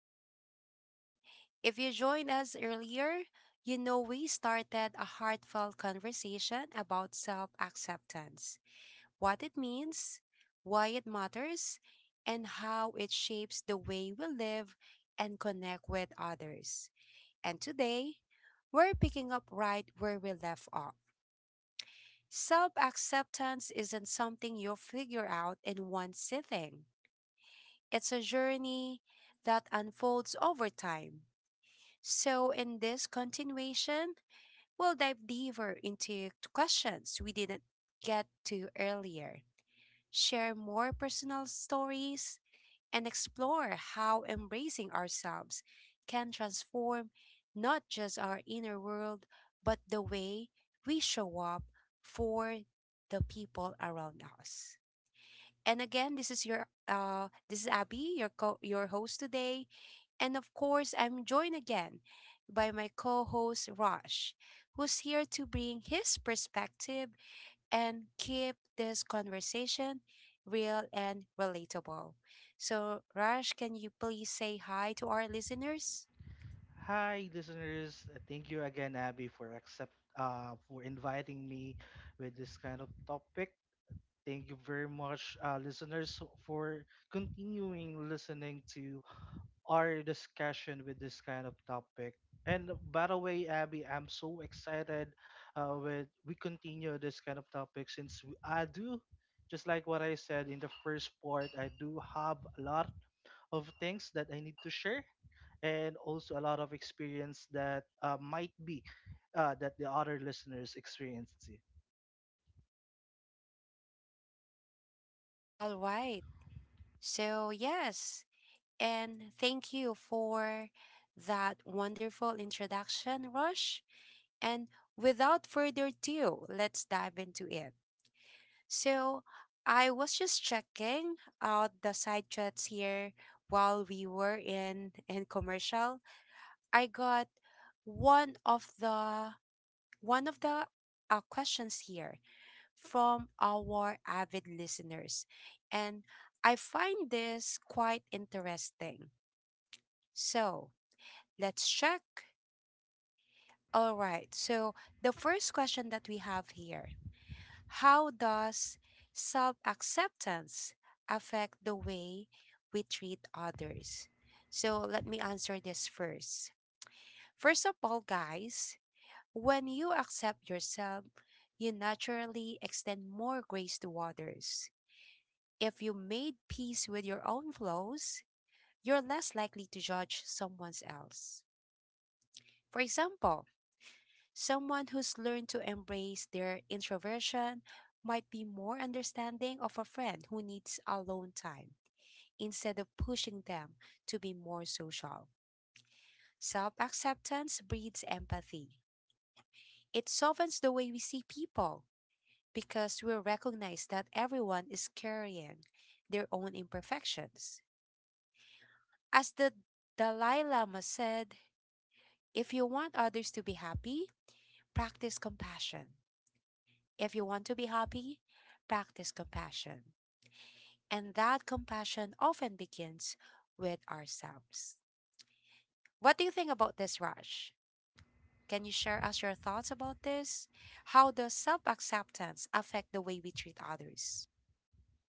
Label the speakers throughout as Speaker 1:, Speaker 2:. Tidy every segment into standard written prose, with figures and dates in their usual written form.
Speaker 1: back, everyone. If you joined us earlier, you know we started a heartfelt conversation about self acceptance, what it means, why it matters, and how it shapes the way we live and connect with others. And today, we're picking up right where we left off. Self acceptance isn't something you figure out in one sitting, it's a journey that unfolds over time. So, in this continuation, we'll dive deeper into questions we didn't get to earlier, share more personal stories, and explore how embracing ourselves can transform not just our inner world, but the way we show up for the people around us. And again, this is Abby, your host today. And of course, I'm joined again by my co-host Rosh, who's here to bring his perspective and keep this conversation real and relatable. So, Rosh, can you please say hi to our listeners?
Speaker 2: Hi, listeners. Thank you again, Abby, for accept for inviting me with this kind of topic. Thank you very much, listeners, for continuing listening to our discussion with this kind of topic. And by the way, Abby, I'm so excited with we continue this kind of topic I do, just like what I said in the first part, I do have a lot of things that I need to share and also a lot of experience that might be that the other listeners experienced. It.
Speaker 1: All right. So, yes. And thank you for that wonderful introduction, Rush. And without further ado, let's dive into it. So, I was just checking out the side chats here while we were in commercial. I got one of the one of the questions here from our avid listeners, and I find this quite interesting. So, let's check. All right. So, the first question that we have here: how does self acceptance affect the way we treat others? So, let me answer this first. First of all, guys, when you accept yourself, you naturally extend more grace to others. If you made peace with your own flaws, you're less likely to judge someone else. For example, someone who's learned to embrace their introversion might be more understanding of a friend who needs alone time instead of pushing them to be more social. Self acceptance breeds empathy. It softens the way we see people because we recognize that everyone is carrying their own imperfections. As the Dalai Lama said, if you want others to be happy, practice compassion. If you want to be happy, practice compassion. And that compassion often begins with ourselves. What do you think about this, Raj? Can you share us your thoughts about this? How does self acceptance affect the way we treat others?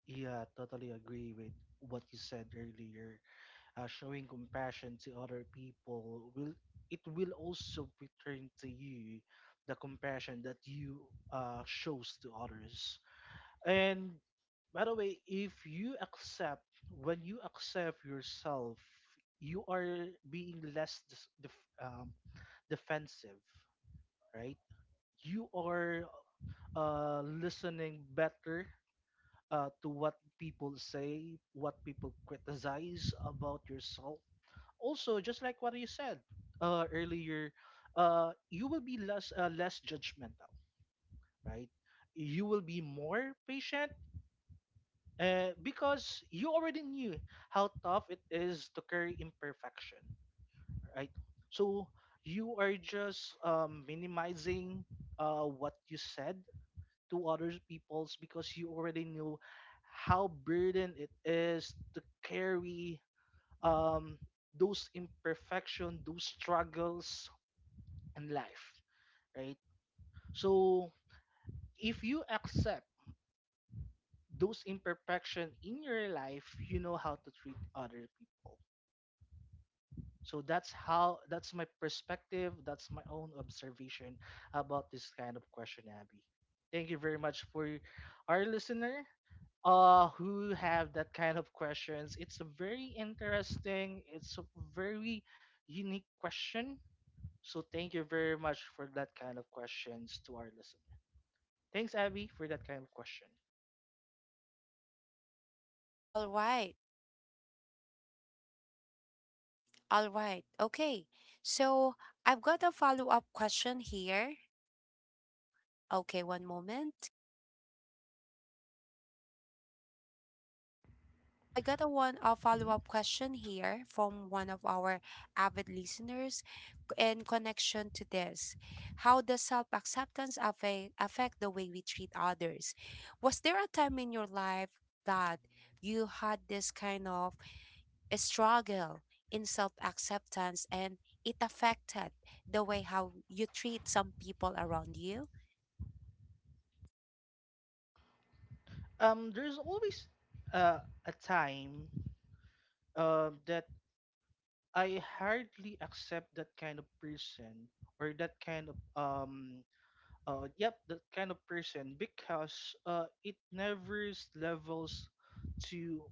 Speaker 2: Yeah, totally agree with what you said earlier. Showing compassion to other people will also return to you the compassion that you shows to others. And by the way, if you accept when you accept yourself, you are being less defensive, right? You are listening better to what people say, what people criticize about yourself. Also, just like what you said earlier, you will be less judgmental, right? You will be more patient because you already knew how tough it is to carry imperfection, right? So you are just minimizing what you said to other people's because you already knew how burden it is to carry um, those imperfection, those struggles in life, right? So if you accept those imperfection in your life, you know how to treat other people. So that's my perspective, that's my own observation about this kind of question, Abby. Thank you very much for our listener who have that kind of questions. It's a very interesting, it's a very unique question. So thank you very much for that kind of questions to our listener. Thanks, Abby, for that kind of question.
Speaker 1: All right, all right, okay. So I've got a follow up question here. Okay, one moment. I got a
Speaker 2: Mhm.
Speaker 1: follow-up question here from one of our avid listeners, in connection to this. How does self-acceptance affect the way we treat others? Was there a time in your life that you had this kind of struggle in self-acceptance and it affected the way how you treat some people around you?
Speaker 2: There's always a time that I hardly accept that kind of person or that kind of yep that kind of person because it never levels to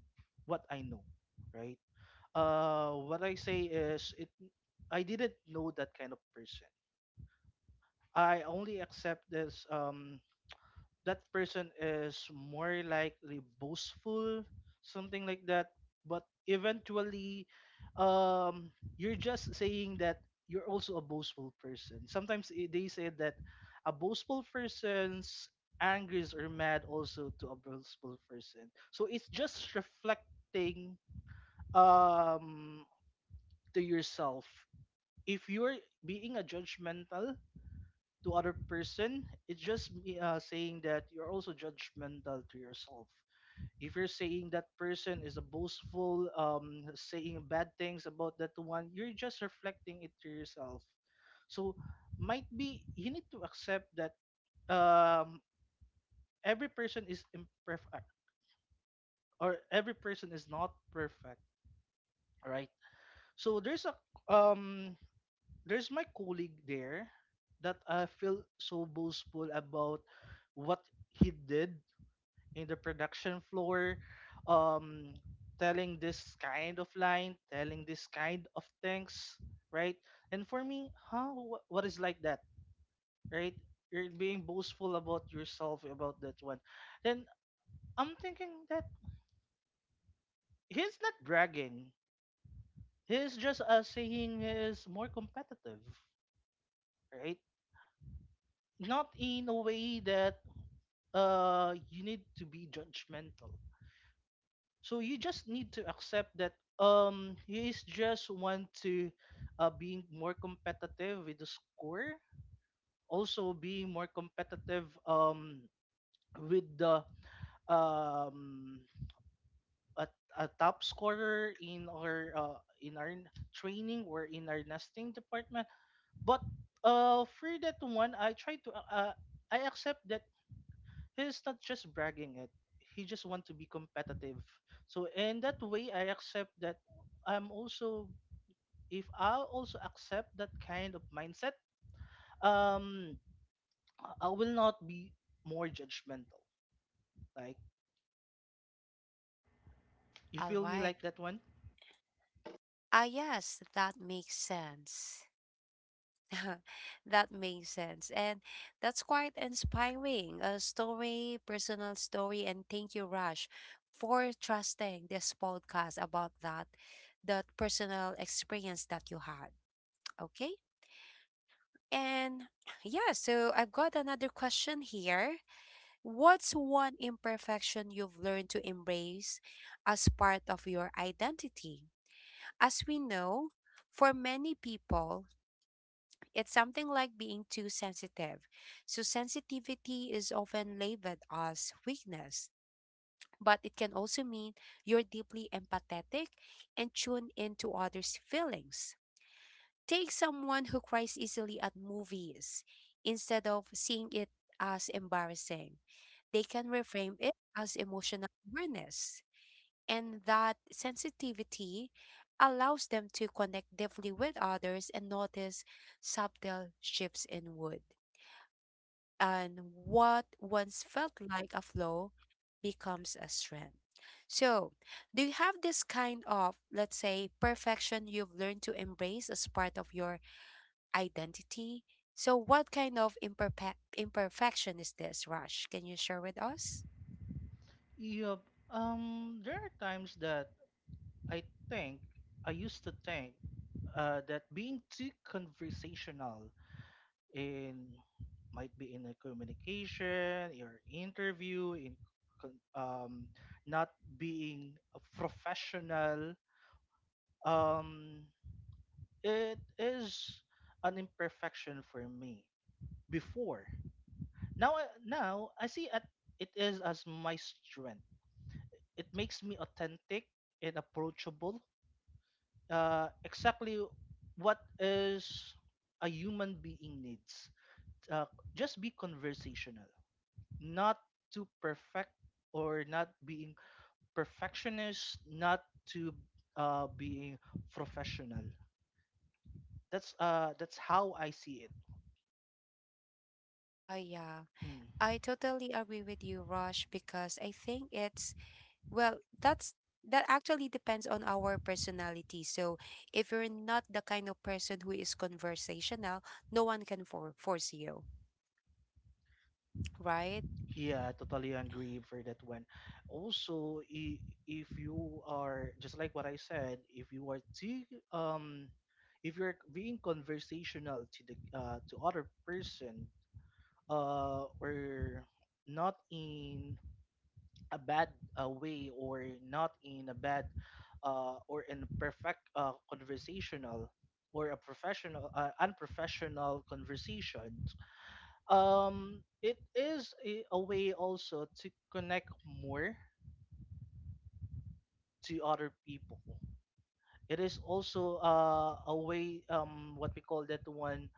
Speaker 2: what I know, right? Uh, what I say is it I didn't know that kind of person. I only accept this that person is more likely boastful, something like that. But eventually, um, you're just saying that you're also a boastful person. Sometimes they say that a boastful person's anger is or mad also to a boastful person. So it's just reflecting um, to yourself. If you're being a judgmental, to other person it's just saying that you're also judgmental to yourself. If you're saying that person is a boastful, saying bad things about that one, you're just reflecting it to yourself. So might be you need to accept that um every person is imperfect, or every person is not perfect, right? So um there's my colleague there that I feel so boastful about what he did in the production floor, um telling this kind of line, telling this kind of things, right? And for me, huh, what is like that, right? You're being boastful about yourself about that one. Then I'm thinking that he's not bragging, he's just saying he is more competitive, right? Not in a way that you need to be judgmental. So you just need to accept that he is just want to being more competitive with the score, also being more competitive with the um a, a top scorer in our training or in our nesting department. But for that one, I try to I accept that he's not just bragging it. He just want to be competitive. So in that way, I accept that I'm also if I also accept that kind of mindset, um, I will not be more judgmental. Like you
Speaker 1: All
Speaker 2: feel me
Speaker 1: right.
Speaker 2: like that one?
Speaker 1: Ah, yes, that makes sense. That makes sense. And that's quite inspiring. A story, personal story. And thank you, Rush, for trusting this podcast about that personal experience that you had. Okay. And yeah, so I've got another question here. What's one imperfection you've learned to embrace as part of your identity? As we know, for many people, it's something like being too sensitive. So, sensitivity is often labeled as weakness, but it can also mean you're deeply empathetic and tuned into others' feelings. Take someone who cries easily at movies. Instead of seeing it as embarrassing, they can reframe it as emotional awareness and that sensitivity allows them to connect deeply with others and notice subtle shifts in wood. And what once felt like a flaw becomes a strength. So, do you have this kind of, let's say, perfection you've learned to embrace as part of your identity? So, what kind of imperfection is this, Rush? Can you share with us?
Speaker 2: Yup. There are times that I think I used to think that being too conversational in, might be in a communication, your interview, in con- um, not being a professional. Um, it is an imperfection for me before. Now, now I see at it is as my strength. It makes me authentic and approachable. Exactly what is a human being needs. Uh, just be conversational, not to perfect, or not being perfectionist, not to being professional. That's how I see it.
Speaker 1: Ah, yeah.
Speaker 2: Mm.
Speaker 1: I totally agree with you, Rosh, because I think it's well, that's that actually depends on our personality. So if you're not the kind of person who is conversational, no one can force you, right?
Speaker 2: Yeah, I totally agree for that one. Also, if you are just like what I said, if you are too um, if you're being conversational to the to other person, or not in a bad way, or not in a bad or in perfect conversational or a professional unprofessional conversation, it is a way also to connect more to other people. It is also a way, what we call that one,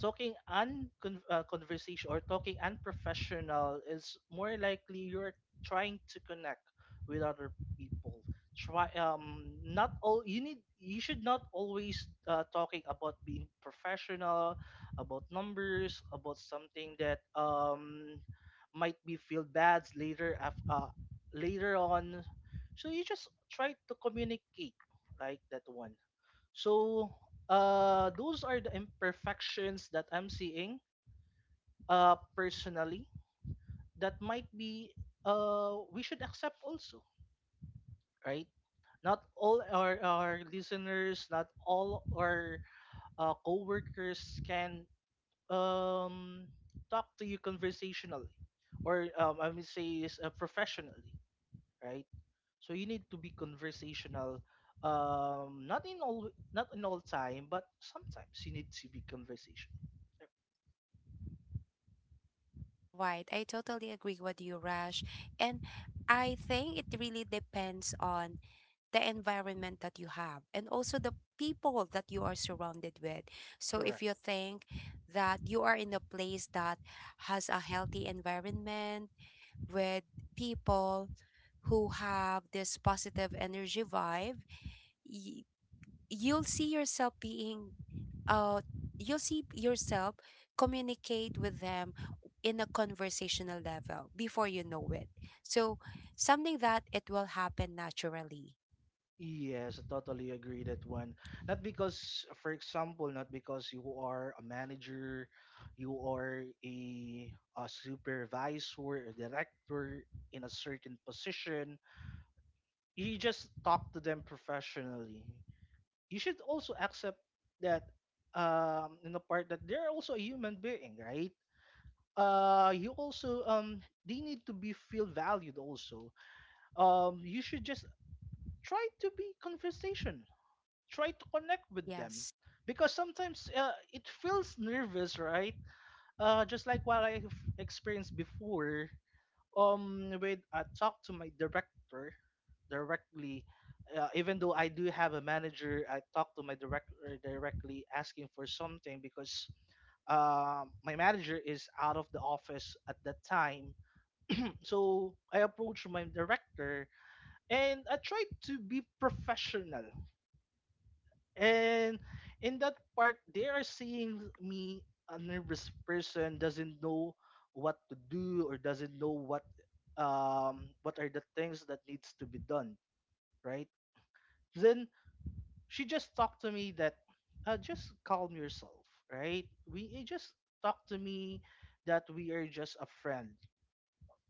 Speaker 2: talking conversation or talking unprofessional is more likely you're trying to connect with other people. Try Not all you need, you should not always talking about being professional, about numbers, about something that might be feel bad later on. So you just try to communicate, right? That one. So, those are the imperfections that I'm seeing, personally. That might be, we should accept also, right? Not all our listeners, not all our co-workers can um, talk to you conversationally, or I would say is professionally, right? So you need to be conversational. Not in all time, but sometimes you need to be conversational. Yep.
Speaker 1: All right, I totally agree with you, Rosh, and I think it really depends on the environment that you have and also the people that you are surrounded with. So if
Speaker 2: Correct.
Speaker 1: you think that you are in a place that has a healthy environment with people who have this positive energy vibe, y- you'll see yourself uh, you'll see yourself communicate with them in a conversational level before you know it. So, something that it will happen naturally.
Speaker 2: Yes, I totally agree that one. Not because you are a manager, you are a supervisor, a director in a certain position. You just talk to them professionally. You should also accept that in the part that they're also a human being, right? You also they need to be feel valued also. You should just try to be conversation, try to connect with them,
Speaker 1: Yes.
Speaker 2: because sometimes it feels nervous, right? Just like what I've experienced before, with I talk to my director directly, even though I do have a manager, I talk to my director directly asking for something because my manager is out of the office at that time. So I approached my director and I tried to be professional. And in that part, they are seeing me a nervous person, doesn't know what to do or doesn't know what are the things that needs to be done, right? Then she just talked to me that just calm yourself, right? We You just talk to me that we are just a friend.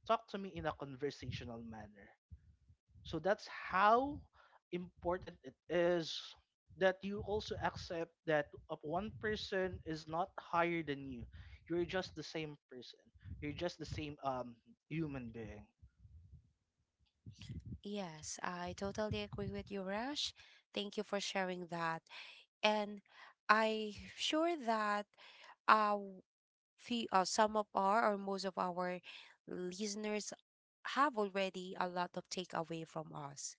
Speaker 2: Talk to me in a conversational manner. So that's how important it is that you also accept that one person is not higher than you. You're just the same person. You're just the same human being.
Speaker 1: Yes, I totally agree with you, Rash. Thank you for sharing that. And I'm sure that uh, some of our or most of our listeners have already a lot of takeaway from us.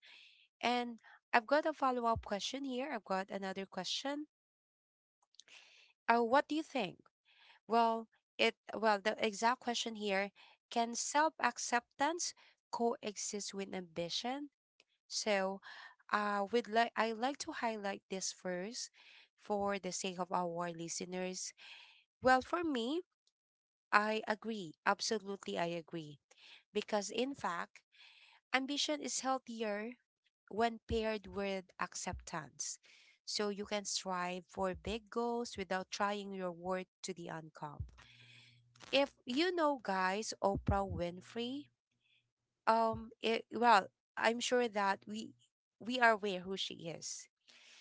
Speaker 1: And I've got a follow up question here. I've got another question. What do you think? Well, it well the exact question here: can self acceptance coexist with ambition? So, we'd like I like to highlight this first for the sake of our listeners. Well, for me, I agree. Absolutely, I agree because, in fact, ambition is healthier when paired with acceptance. So you can strive for big goals without trying your worth to the uncom. If you know, guys, Oprah Winfrey, um, it, well, I'm sure that we are aware who she is.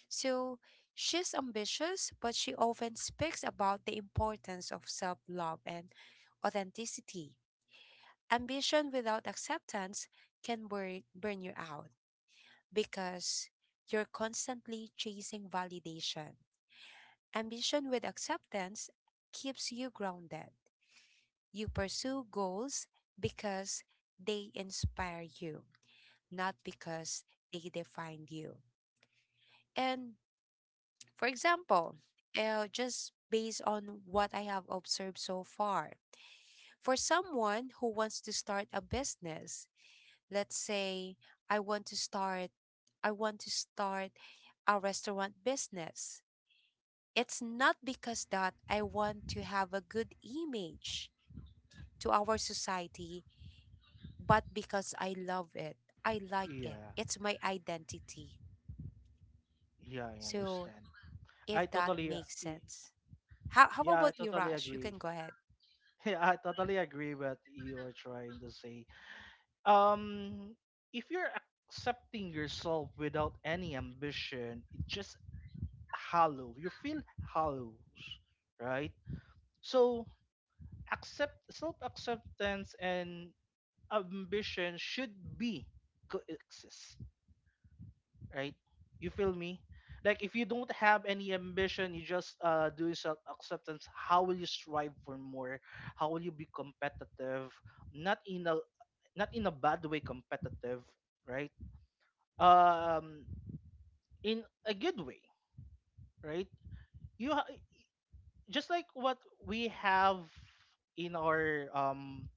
Speaker 1: So she's ambitious, but she often speaks about the importance of self love and authenticity. Ambition without acceptance can burn you out because you're constantly chasing validation. Ambition with acceptance keeps you grounded. You pursue goals because they inspire you, not because they define you. And for example, just based on what I have observed so far, for someone who wants to start a business, let's say I want to start I want to start a restaurant business. It's not because that I want to have a good image to our society, but because I love it. I like it.
Speaker 2: Yeah.
Speaker 1: It's my identity.
Speaker 2: Yeah, I
Speaker 1: So
Speaker 2: understand. I
Speaker 1: if that
Speaker 2: totally uh,
Speaker 1: makes
Speaker 2: y-
Speaker 1: sense. How
Speaker 2: yeah, I
Speaker 1: about you,
Speaker 2: totally
Speaker 1: Rush? You
Speaker 2: agree.
Speaker 1: can go ahead.
Speaker 2: Yeah, I totally agree what you are trying to say. Um if you're accepting yourself without any ambition, it just hollow. You feel hollow, right? So accept self-acceptance and ambition should be coexist, right? You feel me? Like if you don't
Speaker 1: Yeah,
Speaker 2: have any ambition, you just do self-acceptance. How will you strive for more? How will you be competitive? Not in a not in a bad way competitive, right? Um, in a good way, right? You ha- just like what we have in our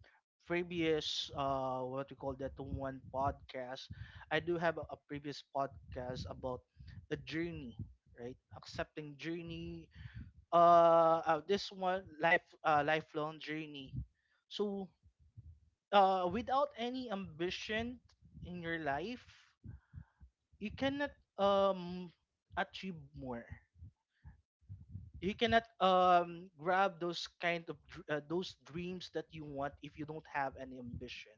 Speaker 2: previous what we call that one podcast, I do have a previous podcast about the journey, right? Accepting journey, this one life lifelong journey. So without any ambition in your life, you cannot um achieve more. You cannot grab those kind of those dreams that you want if you don't have any ambition.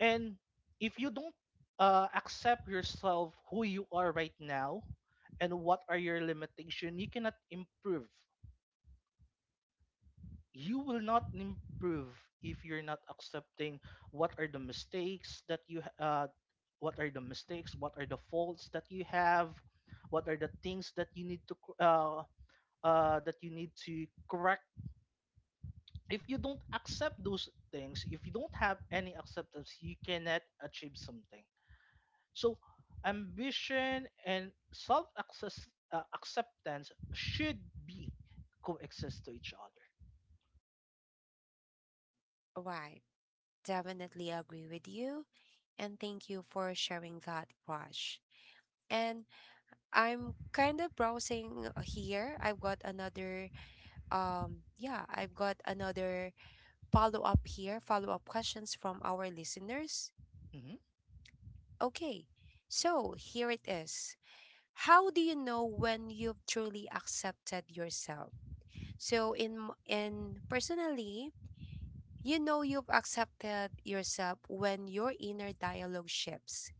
Speaker 2: And if you don't accept yourself who you are right now and what are your limitation, you cannot improve. You will not improve if you're not accepting what are the mistakes that you what are the mistakes, what are the faults that you have, what are the things that you need to that you need to correct. If you don't accept those things, if you don't have any acceptance, you cannot achieve something. So, ambition and self acceptance should be coexist to each other.
Speaker 1: right. Definitely agree with you. And thank you for sharing that, Rush. And I'm kind of browsing here. I've got another yeah, I've got another follow-up questions from our listeners.
Speaker 2: Hmm.
Speaker 1: Okay. So, here it is. How do you know when you've truly accepted yourself? So, in m- in personally, you know you've accepted yourself when your inner dialogue shifts.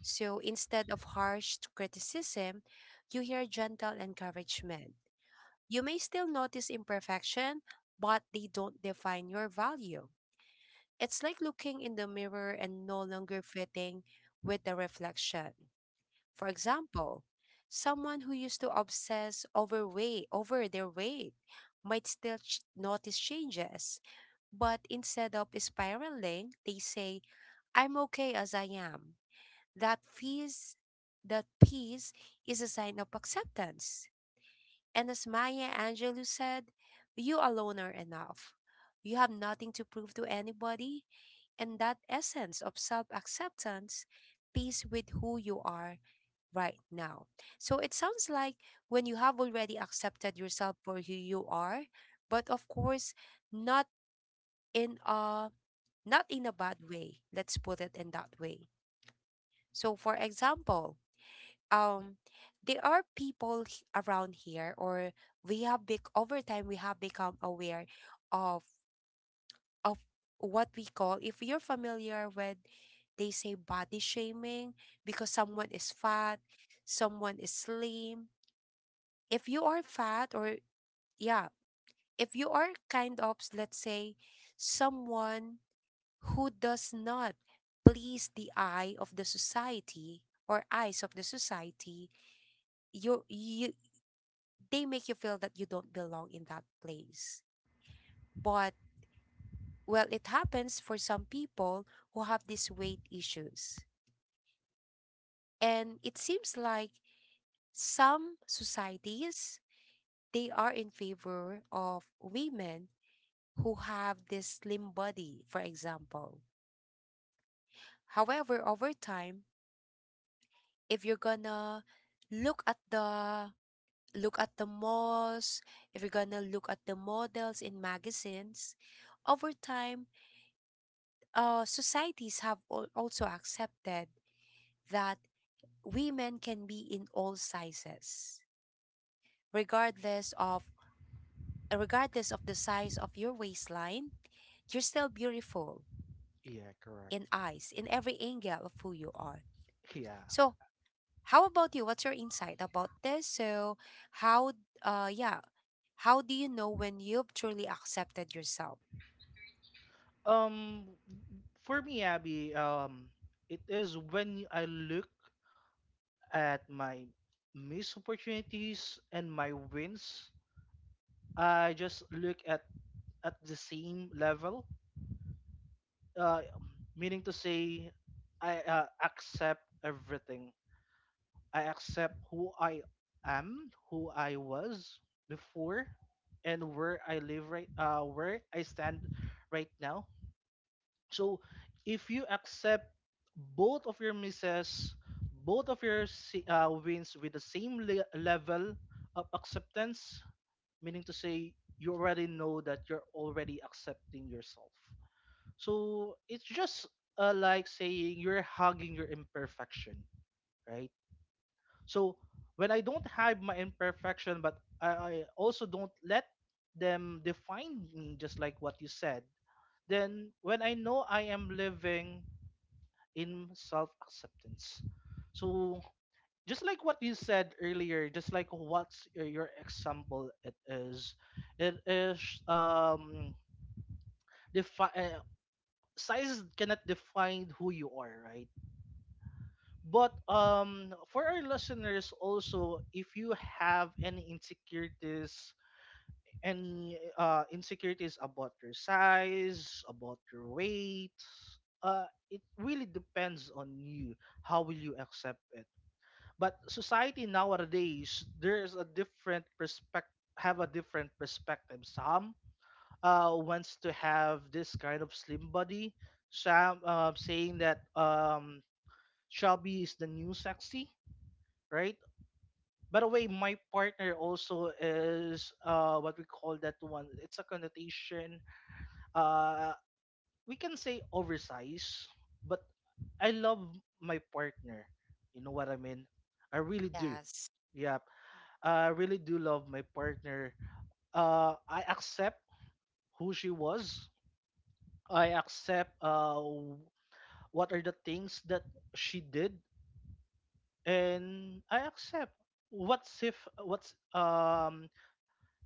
Speaker 1: So, instead of harsh criticism, you hear gentle encouragement. You may still notice imperfection, but they don't define your value. It's like looking in the mirror and no longer fitting with the reflection. For example, someone who used to over their weight might still notice changes, but instead of spiraling, they say, "I'm okay as I am." That feels, that peace is a sign of acceptance. And as Maya Angelou said, you alone are enough. You have nothing to prove to anybody. And that essence of self acceptance, peace with who you are right now. So it sounds like when you have already accepted yourself for who you are, but of course, not in a not in a bad way. Let's put it in that way. So for example, um, there are people around here or we have big over time we have become aware of of what we call, if you're familiar with, they say body shaming because someone is fat, someone is slim, if you are fat or yeah, if you are kind of, let's say, someone who does not please the eye of the society or eyes of the society, you, they make you feel that you don't belong in that place. But well, it happens for some people who have these weight issues. And it seems like some societies they are in favor of women who have this slim body, for example. However, over time, if you're gonna look at the look at the malls, if you're gonna look at the models in magazines, over time societies have also accepted that women can be in all sizes regardless of regardless of the size of your waistline, you're still beautiful
Speaker 2: Yeah, correct.
Speaker 1: in eyes in every angle of who you are.
Speaker 2: Yeah.
Speaker 1: So how about you, what's your insight about this? So how yeah, how do you know when you've truly accepted yourself?
Speaker 2: Um, for me, Abby, it is when I look at my missed opportunities and my wins, I just look at the same level. Uh, meaning to say, I accept everything. I accept who I am, who I was before, and where I live right, where I stand right now. So if you accept both of your misses, both of your wins with the same level of acceptance, meaning to say you already know that you're already accepting yourself. So it's just like saying you're hugging your imperfection, right? So when I don't hide my imperfection, but I also don't let them define me, just like what you said, then when I know I am living in self-acceptance. So just like what you said earlier, just like what's your example it is um defi- uh, size cannot define who you are, right? But for our listeners also, if you have any insecurities about your size, about your weight, uh, it really depends on you. How will you accept it? But society nowadays there's a different perspective, have a different perspective. Some wants to have this kind of slim body, some saying that chubby is the new sexy, right? By the way, my partner also is what we call that one, it's a connotation, uh we can say oversized, but I love my partner, you know what I mean, I really do.
Speaker 1: Yes.
Speaker 2: Yeah, I really do love my partner. I accept who she was. I accept what are the things that she did, and I accept what's if what's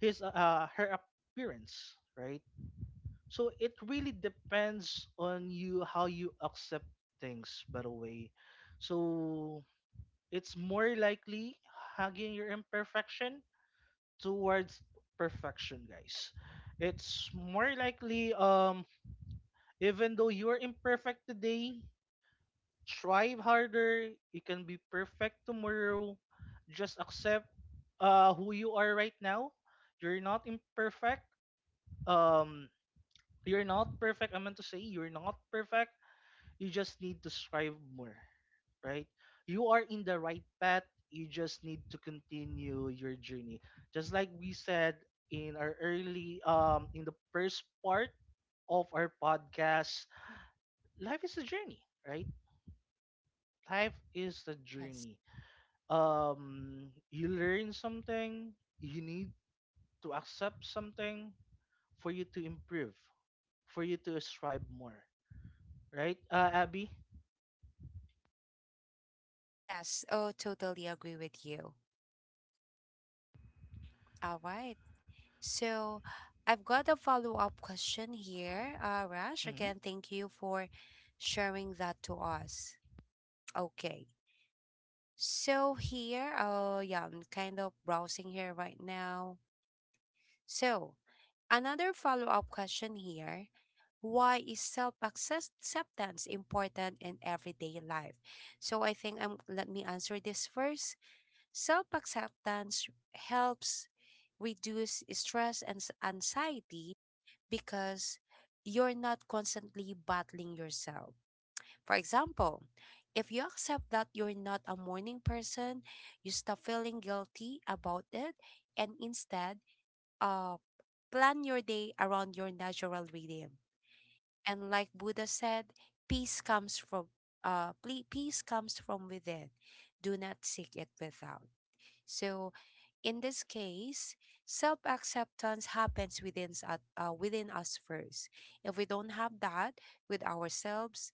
Speaker 2: his her appearance, right? So it really depends on you how you accept things. By the way, so it's more likely hugging your imperfection towards perfection, guys. It's more likely even though you're imperfect today, strive harder, you can be perfect tomorrow. Just accept who you are right now. You're not imperfect. Um you're not perfect. I meant to say you're not perfect. You just need to strive more, right? You are in the right path. You just need to continue your journey. Just like we said in our early in the first part of our podcast, life is a journey, right? Life is a
Speaker 1: Yes.
Speaker 2: journey. You learn something, you need to accept something for you to improve, for you to strive more, right? Abby?
Speaker 1: Yes, oh totally agree with you. All right. So I've got a follow up question here, Rash.
Speaker 2: Hmm.
Speaker 1: Again, thank you for sharing that to us. Okay. So here, yeah, I'm kind of browsing here right now. So another follow up question here. Why is self acceptance important in everyday life? So I think I'm. Let me answer this first. Self acceptance helps reduce stress and anxiety because you're not constantly battling yourself. For example, if you accept that you're not a morning person, you stop feeling guilty about it and instead uh, plan your day around your natural rhythm. And like Buddha said, peace comes from peace comes from within. Do not seek it without. So, in this case, self acceptance happens within us first. If we don't have that with ourselves,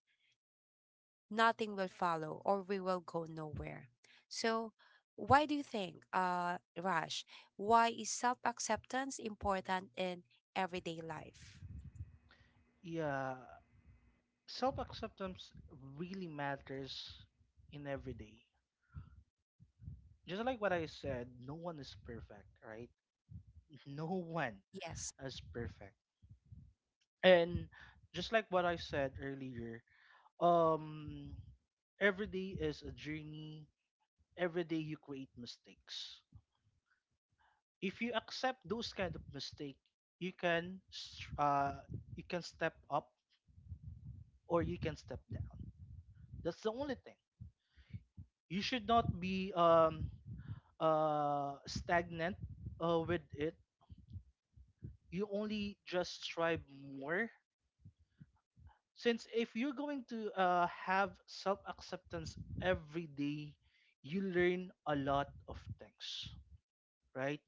Speaker 1: nothing will follow or we will go nowhere. So, why do you think, Raj, why is self acceptance important in everyday life?
Speaker 2: Yeah, self acceptance really matters in every day. Just like what I said, no one is perfect, right? No one
Speaker 1: Yes.
Speaker 2: is perfect. And just like what I said earlier, um every day is a journey. Every day you create mistakes. If you accept those kind of mistake, you can you can step up or you can step down. That's the only thing. You should not be stagnant with it. You only just strive more, since if you're going to have self acceptance every day you learn a lot of things, right?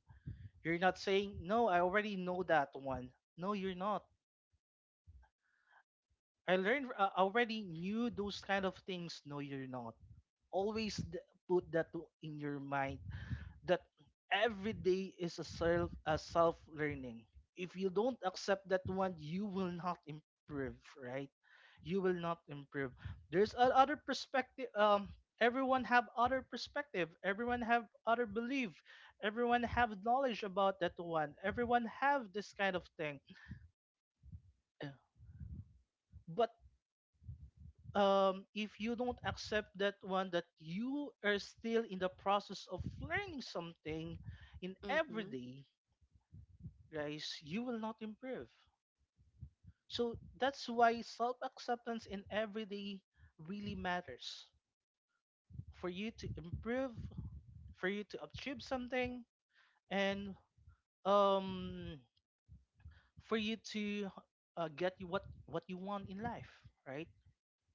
Speaker 2: You're not saying, no, I already know that one. No, you're not. I learned, I already knew those kind of things. No, you're not, always put that in your mind that every day is a self learning. If you don't accept that one, you will not improve, right? You will not improve. There's a other perspective, everyone have other perspective, everyone have other belief, everyone have knowledge about that one, everyone have this kind of thing, but if you don't accept that one that you are still in the process of learning something in every
Speaker 1: Mm-hmm.
Speaker 2: day, guys, you will not improve. So that's why self acceptance in everyday really matters. For you to improve, for you to achieve something, and um, for you to get you what you want in life, right?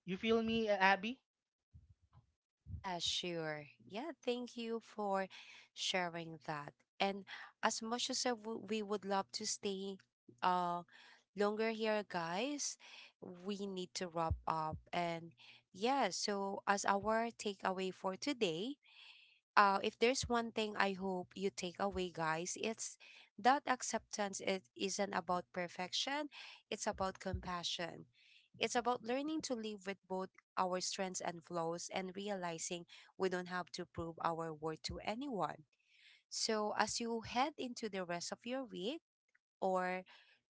Speaker 2: You feel me, Abby?
Speaker 1: Yeah, sure. Yeah, thank you for sharing that. And as much as we would love to stay uh longer here, guys, we need to wrap up. And yeah, so as our takeaway for today, if there's one thing I hope you take away, guys, it's that acceptance it isn't about perfection, it's about compassion. It's about learning to live with both our strengths and flaws and realizing we don't have to prove our worth to anyone. So, as you head into the rest of your week, or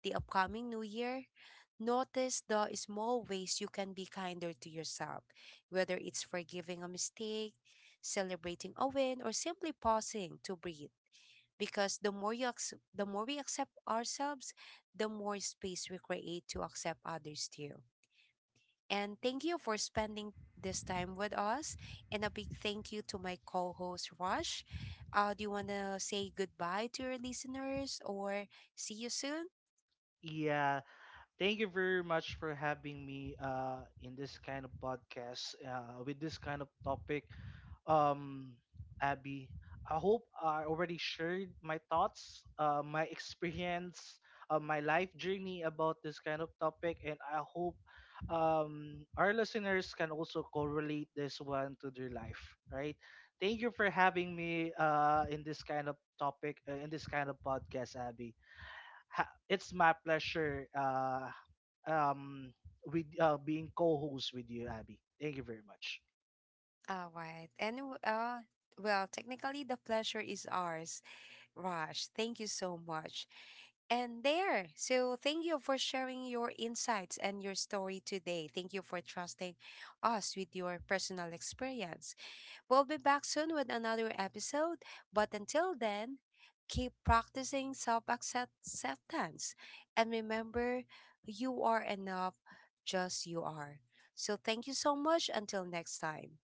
Speaker 1: the upcoming new year, notice the small ways you can be kinder to yourself, whether it's forgiving a mistake, celebrating a win, or simply pausing to breathe. Because the more we accept ourselves, the more space we create to accept others too. And thank you for spending this time with us. And a big thank you to my co-host Rush. Do you want to say goodbye to your listeners or see you soon?
Speaker 2: Yeah, thank you very much for having me in this kind of podcast with this kind of topic. Um, Abby, I hope I already shared my thoughts, my experience, my life journey about this kind of topic, and I hope our listeners can also correlate this one to their life, right? Thank you for having me in this kind of topic, in this kind of podcast, Abby. It's my pleasure, um, with being co-host with you, Abby. Thank you very much.
Speaker 1: All right. And technically, the pleasure is ours, Raj. Thank you so much. And there. So, thank you for sharing your insights and your story today. Thank you for trusting us with your personal experience. We'll be back soon with another episode. But until then, keep practicing self acceptance. And remember, you are enough, just you are. So, thank you so much. Until next time.